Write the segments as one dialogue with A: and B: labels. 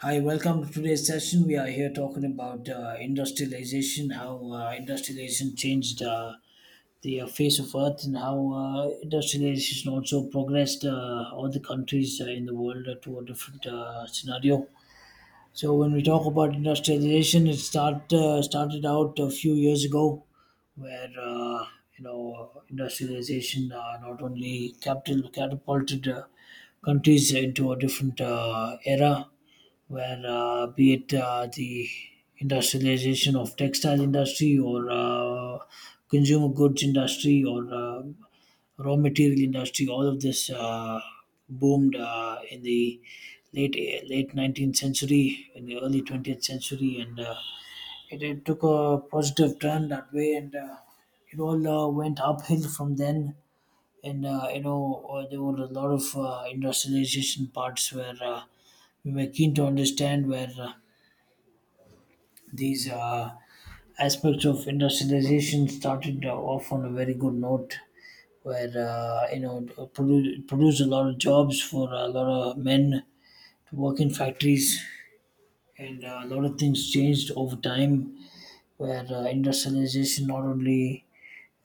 A: Hi, welcome to today's session. We are here talking about industrialization, how industrialization changed the face of Earth, and how industrialization also progressed all the countries in the world to a different scenario. So, when we talk about industrialization, it start started out a few years ago, where you know industrialization not only capital catapulted countries into a different era where be it the industrialization of textile industry or consumer goods industry or raw material industry, all of this boomed in the late late 19th century in the early 20th century, and it took a positive turn that way, and it all went uphill from then, and there were a lot of industrialization parts where we were keen to understand where these aspects of industrialization started off on a very good note, where you know it produced a lot of jobs for a lot of men to work in factories, and a lot of things changed over time. Where industrialization not only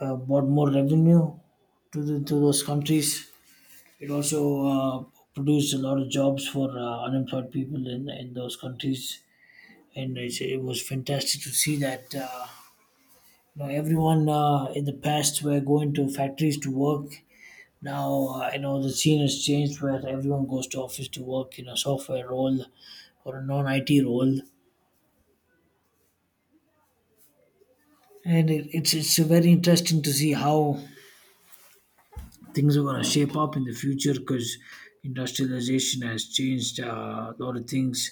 A: brought more revenue to those countries, it also produced a lot of jobs for unemployed people in those countries, and it was fantastic to see that you know everyone in the past were going to factories to work. Now you know the scene has changed where everyone goes to office to work in a software role or a non-IT role, and it's very interesting to see how things are going to shape up in the future because industrialization has changed a lot of things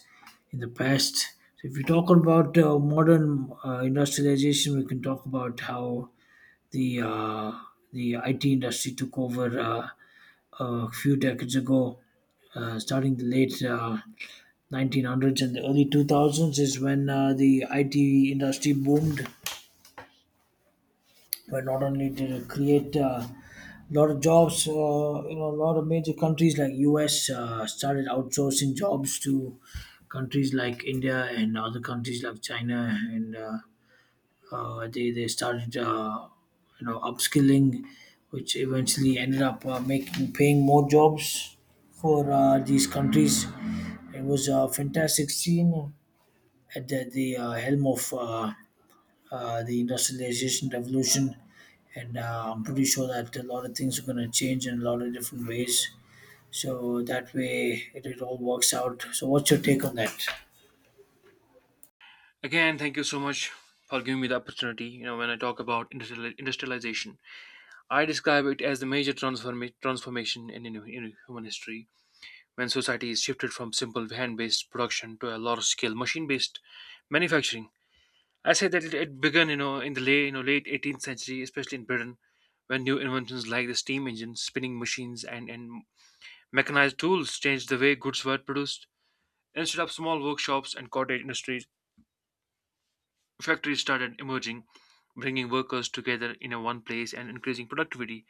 A: in the past. So if we talk about modern industrialization, we can talk about how the uh, the IT industry took over a few decades ago, starting the late 1900s and the early 2000s is when the IT industry boomed. Where not only did it create a lot of jobs, you know, a lot of major countries like US started outsourcing jobs to countries like India and other countries like China and. They started you know upskilling, which eventually ended up making paying more jobs for these countries. It was a fantastic scene at the helm of the industrialization revolution, and I'm pretty sure that a lot of things are going to change in a lot of different ways. So that way, it all works out. So, what's your take on that?
B: Again, thank you so much for giving me the opportunity. You know, when I talk about industrialization, I describe it as the major transformation in human history when society is shifted from simple hand-based production to a large-scale machine-based manufacturing. I say that it began, in the late 18th century, especially in Britain, when new inventions like the steam engine, spinning machines, and mechanized tools changed the way goods were produced. Instead of small workshops and cottage industries, factories started emerging, bringing workers together in a one place and increasing productivity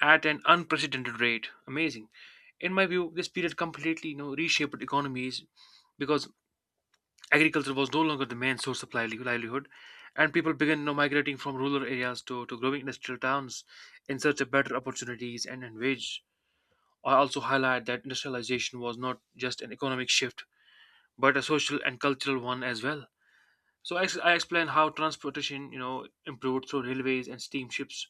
B: at an unprecedented rate. Amazing. In my view, this period completely reshaped economies because agriculture was no longer the main source of livelihood, and people began migrating from rural areas to growing industrial towns in search of better opportunities and wage. I also highlight that industrialization was not just an economic shift, but a social and cultural one as well. So I explain how transportation improved through railways and steamships.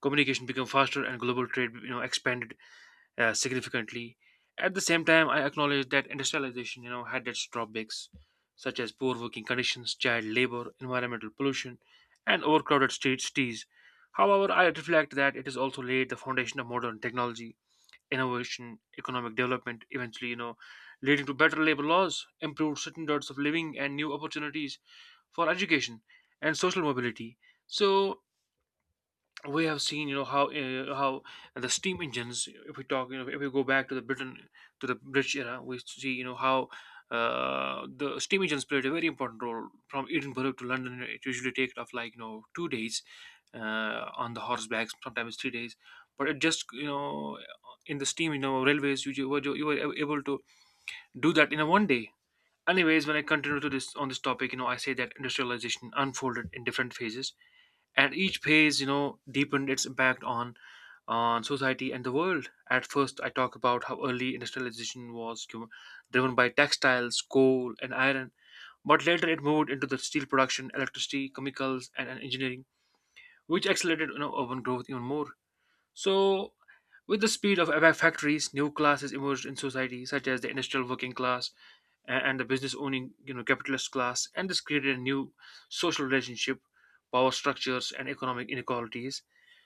B: Communication became faster and global trade expanded significantly. At the same time, I acknowledge that industrialization had its drawbacks, such as poor working conditions, child labor, environmental pollution, and overcrowded streets. Cities. However, I reflect that it has also laid the foundation of modern technology, innovation, economic development, eventually leading to better labor laws, improved standards of living, and new opportunities for education and social mobility. So we have seen how the steam engines. If we talk, you know, if we go back to the Britain to the British era, we see how the steam engines played a very important role from Edinburgh to London. It usually takes off like 2 days on the horseback, sometimes 3 days. But it just in the steam railways, you were able to do that in a one day. Anyways, when I continue to this on this topic, I say that industrialization unfolded in different phases, and each phase deepened its impact on society and the world. At first I talk about how early industrialization was driven by textiles, coal, and iron, but later it moved into the steel production, electricity, chemicals, and engineering, which accelerated urban growth even more. So with the speed of factories, new classes emerged in society, such as the industrial working class, and the business owning capitalist class, and this created a new social relationship power structures, and economic inequalities.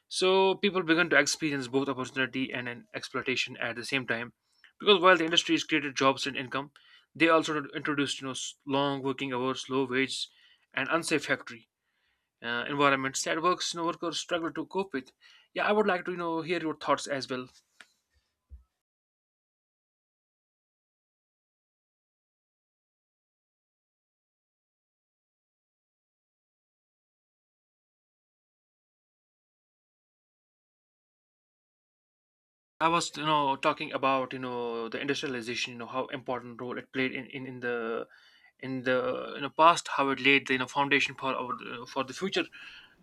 B: So people began to experience both opportunity and an exploitation at the same time, because while the industries created jobs and income, they also introduced long working hours, low wage, and unsafe factory environments that workers struggle to cope with. Yeah, I would like to hear your thoughts as well. I was, talking about, the industrialization, how important role it played in the past, how it laid the foundation for the future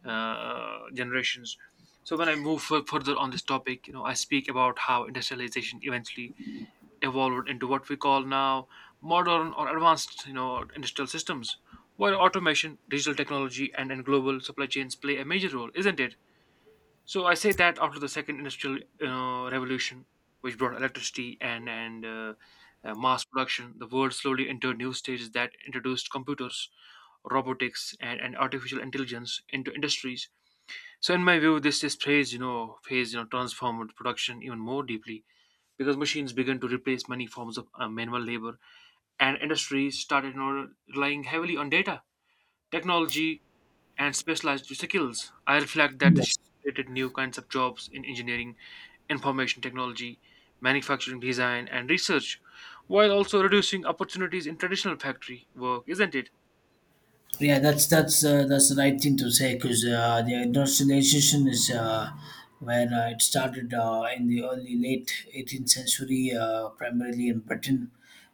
B: generations. So when I move further on this topic, I speak about how industrialization eventually evolved into what we call now modern or advanced, industrial systems, where automation, digital technology, and global supply chains play a major role, isn't it? So I say that after the second industrial revolution, which brought electricity and mass production, the world slowly entered new stages that introduced computers, robotics, and artificial intelligence into industries. So in my view, this phase, transformed production even more deeply, because machines began to replace many forms of manual labor, and industries started relying heavily on data, technology, and specialized skills. I reflect that this
A: Yes.
B: created new kinds of jobs in engineering, information technology, manufacturing design, and research, while also reducing opportunities in traditional factory work, isn't it?
A: Yeah, that's the right thing to say because the industrialization is where it started in the early late 18th century, primarily in Britain.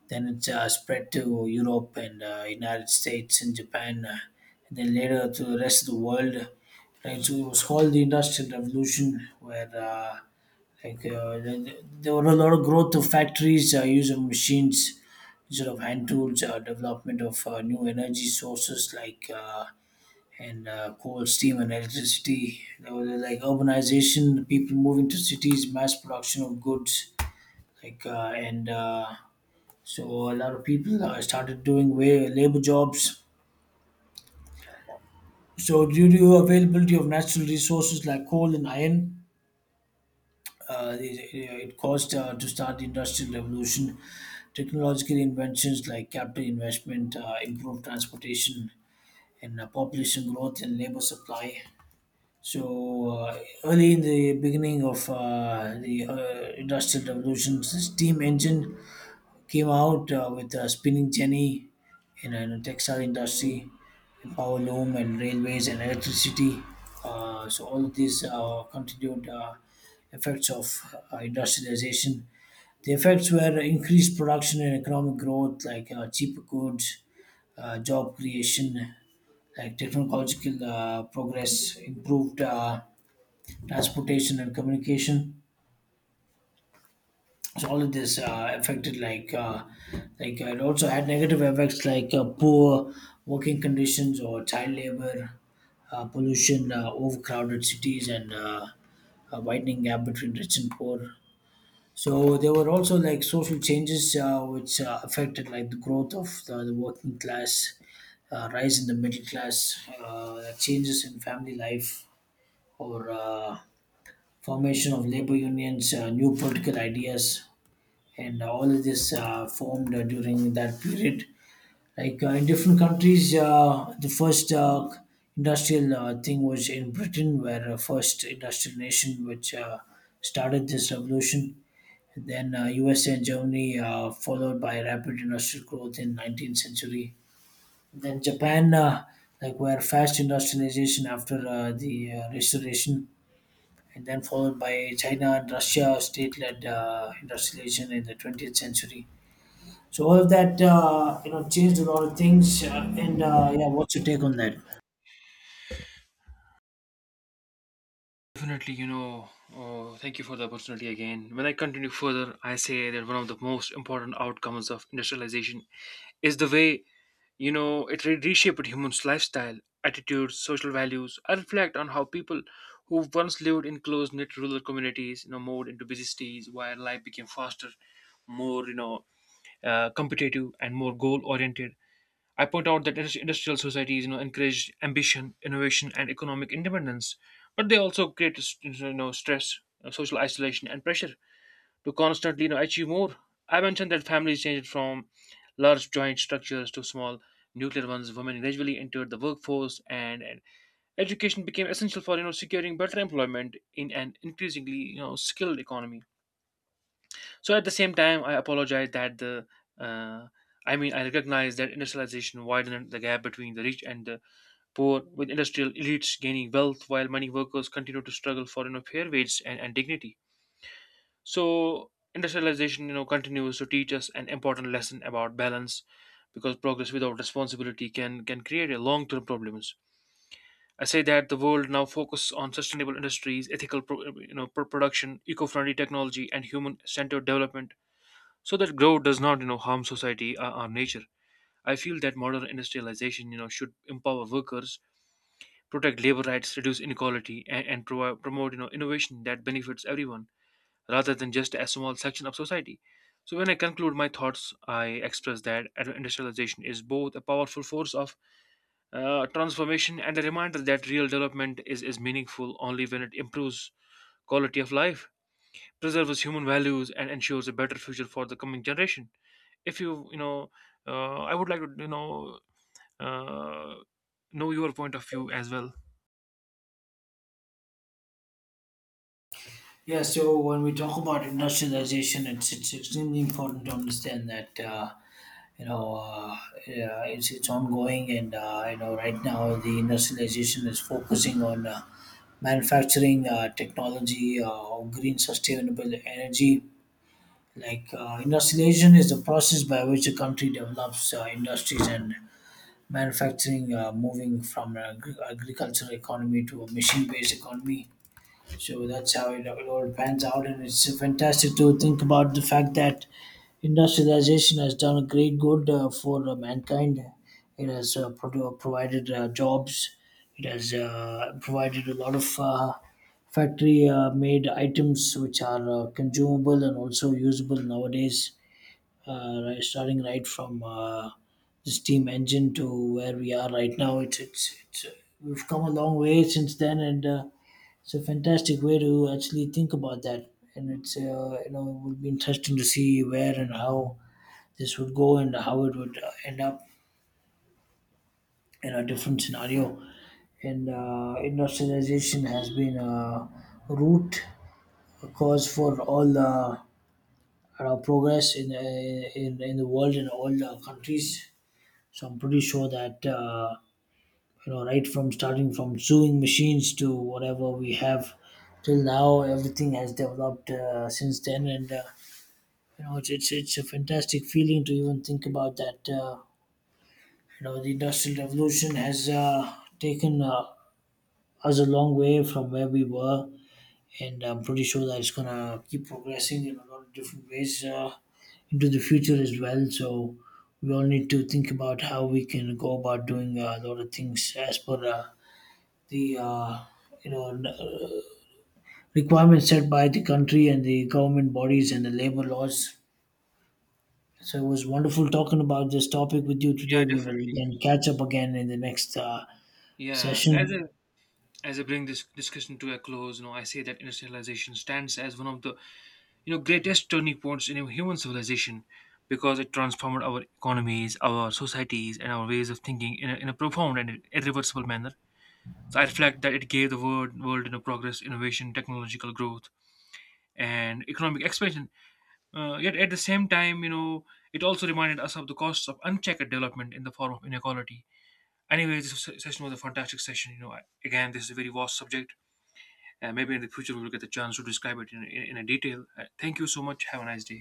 A: Then it spread to Europe and United States and Japan, and then later to the rest of the world. Right, so it was called the Industrial Revolution, where there were a lot of growth of factories, use of machines instead of hand tools, development of new energy sources like and coal, steam, and electricity. There was urbanization, people moving to cities, mass production of goods, like and so a lot of people started doing way labor jobs. So due to availability of natural resources like coal and iron, it caused to start the industrial revolution. Technological inventions like capital investment, improved transportation, and population growth and labor supply. So early in the beginning of the industrial revolution, steam engine came out with spinning jenny in the textile industry, and power loom and railways and electricity. So all of these continued effects of industrialization. The effects were increased production and economic growth, like cheaper goods, job creation, like technological progress, improved transportation and communication, so all of this affected it also had negative effects like poor working conditions or child labor, pollution, overcrowded cities, and a widening gap between rich and poor. So there were also like social changes which affected like the growth of the working class, rise in the middle class, changes in family life, or formation of labor unions, new political ideas, and all of this formed during that period. Like in different countries, the first industrial thing was in Britain, where first industrial nation which started this revolution. And then USA and Germany, followed by rapid industrial growth in 19th century. Then Japan, like where fast industrialization after the restoration, and then followed by China and Russia, state-led industrialization in the 20th century, so all of that, you know, changed a lot of things. And Yeah, what's your take on that?
B: Definitely oh, thank you for the opportunity again. When I continue further, I say that one of the most important outcomes of industrialization is the way it reshaped humans' lifestyle, attitudes, social values. I reflect on how people who once lived in close knit rural communities moved into busy cities where life became faster, more, competitive, and more goal oriented. I point out that industrial societies encourage ambition, innovation, and economic independence, but they also create stress, social isolation, and pressure to constantly achieve more. I mentioned that families changed from large joint structures to small nuclear ones. Women gradually entered the workforce, and education became essential for securing better employment in an increasingly skilled economy. So at the same time, I apologize that the uh, I mean, I recognize that industrialization widened the gap between the rich and the poor, with industrial elites gaining wealth while many workers continue to struggle for fair wages and dignity. So industrialization continues to teach us an important lesson about balance, because progress without responsibility can create a long-term problems. I say that the world now focuses on sustainable industries, ethical production, eco-friendly technology, and human-centered development, so that growth does not harm society or nature. I feel that modern industrialization should empower workers, protect labor rights, reduce inequality, and promote innovation that benefits everyone, rather than just a small section of society. So when I conclude my thoughts, I express that industrialization is both a powerful force of transformation and a reminder that real development is meaningful only when it improves quality of life, preserves human values, and ensures a better future for the coming generation. If you you know I would like to uh, know your point of view as well.
A: Yeah, so when we talk about industrialization, it's extremely important to understand that you know uh, yeah, it's ongoing, and you know right now the industrialization is focusing on manufacturing, technology, green sustainable energy. Like industrialization is the process by which a country develops industries and manufacturing, moving from an agricultural economy to a machine-based economy. So that's how it all pans out, and it's fantastic to think about the fact that industrialization has done a great good for mankind. It has provided jobs. It has provided a lot of factory-made items which are consumable and also usable nowadays, right, starting right from the steam engine to where we are right now. It's We've come a long way since then, and it's a fantastic way to actually think about that. And it's you know it would be interesting to see where and how this would go and how it would end up in a different scenario. And industrialization has been a root a cause for all our progress in the world and all countries. So I'm pretty sure that you know, right from starting from sewing machines to whatever we have till now, everything has developed since then, and you know, it's a fantastic feeling to even think about that. You know, the industrial revolution has taken us a long way from where we were, and I'm pretty sure that it's gonna keep progressing in a lot of different ways into the future as well. So we all need to think about how we can go about doing a lot of things as per the you know n- uh, requirements set by the country and the government bodies and the labor laws. So it was wonderful talking about this topic with you
B: Yeah,
A: today. We will
B: definitely.
A: then catch up again in the next
B: Yeah, as I
A: session.
B: as I bring this discussion to a close, I say that industrialization stands as one of the greatest turning points in human civilization, because it transformed our economies, our societies, and our ways of thinking in a profound and irreversible manner. So I reflect that it gave the world progress, innovation, technological growth, and economic expansion. Yet at the same time it also reminded us of the costs of unchecked development in the form of inequality. Anyway, this session was a fantastic session. Again, this is a very vast subject, and maybe in the future we'll get the chance to describe it in a detail. Thank you so much. Have a nice day.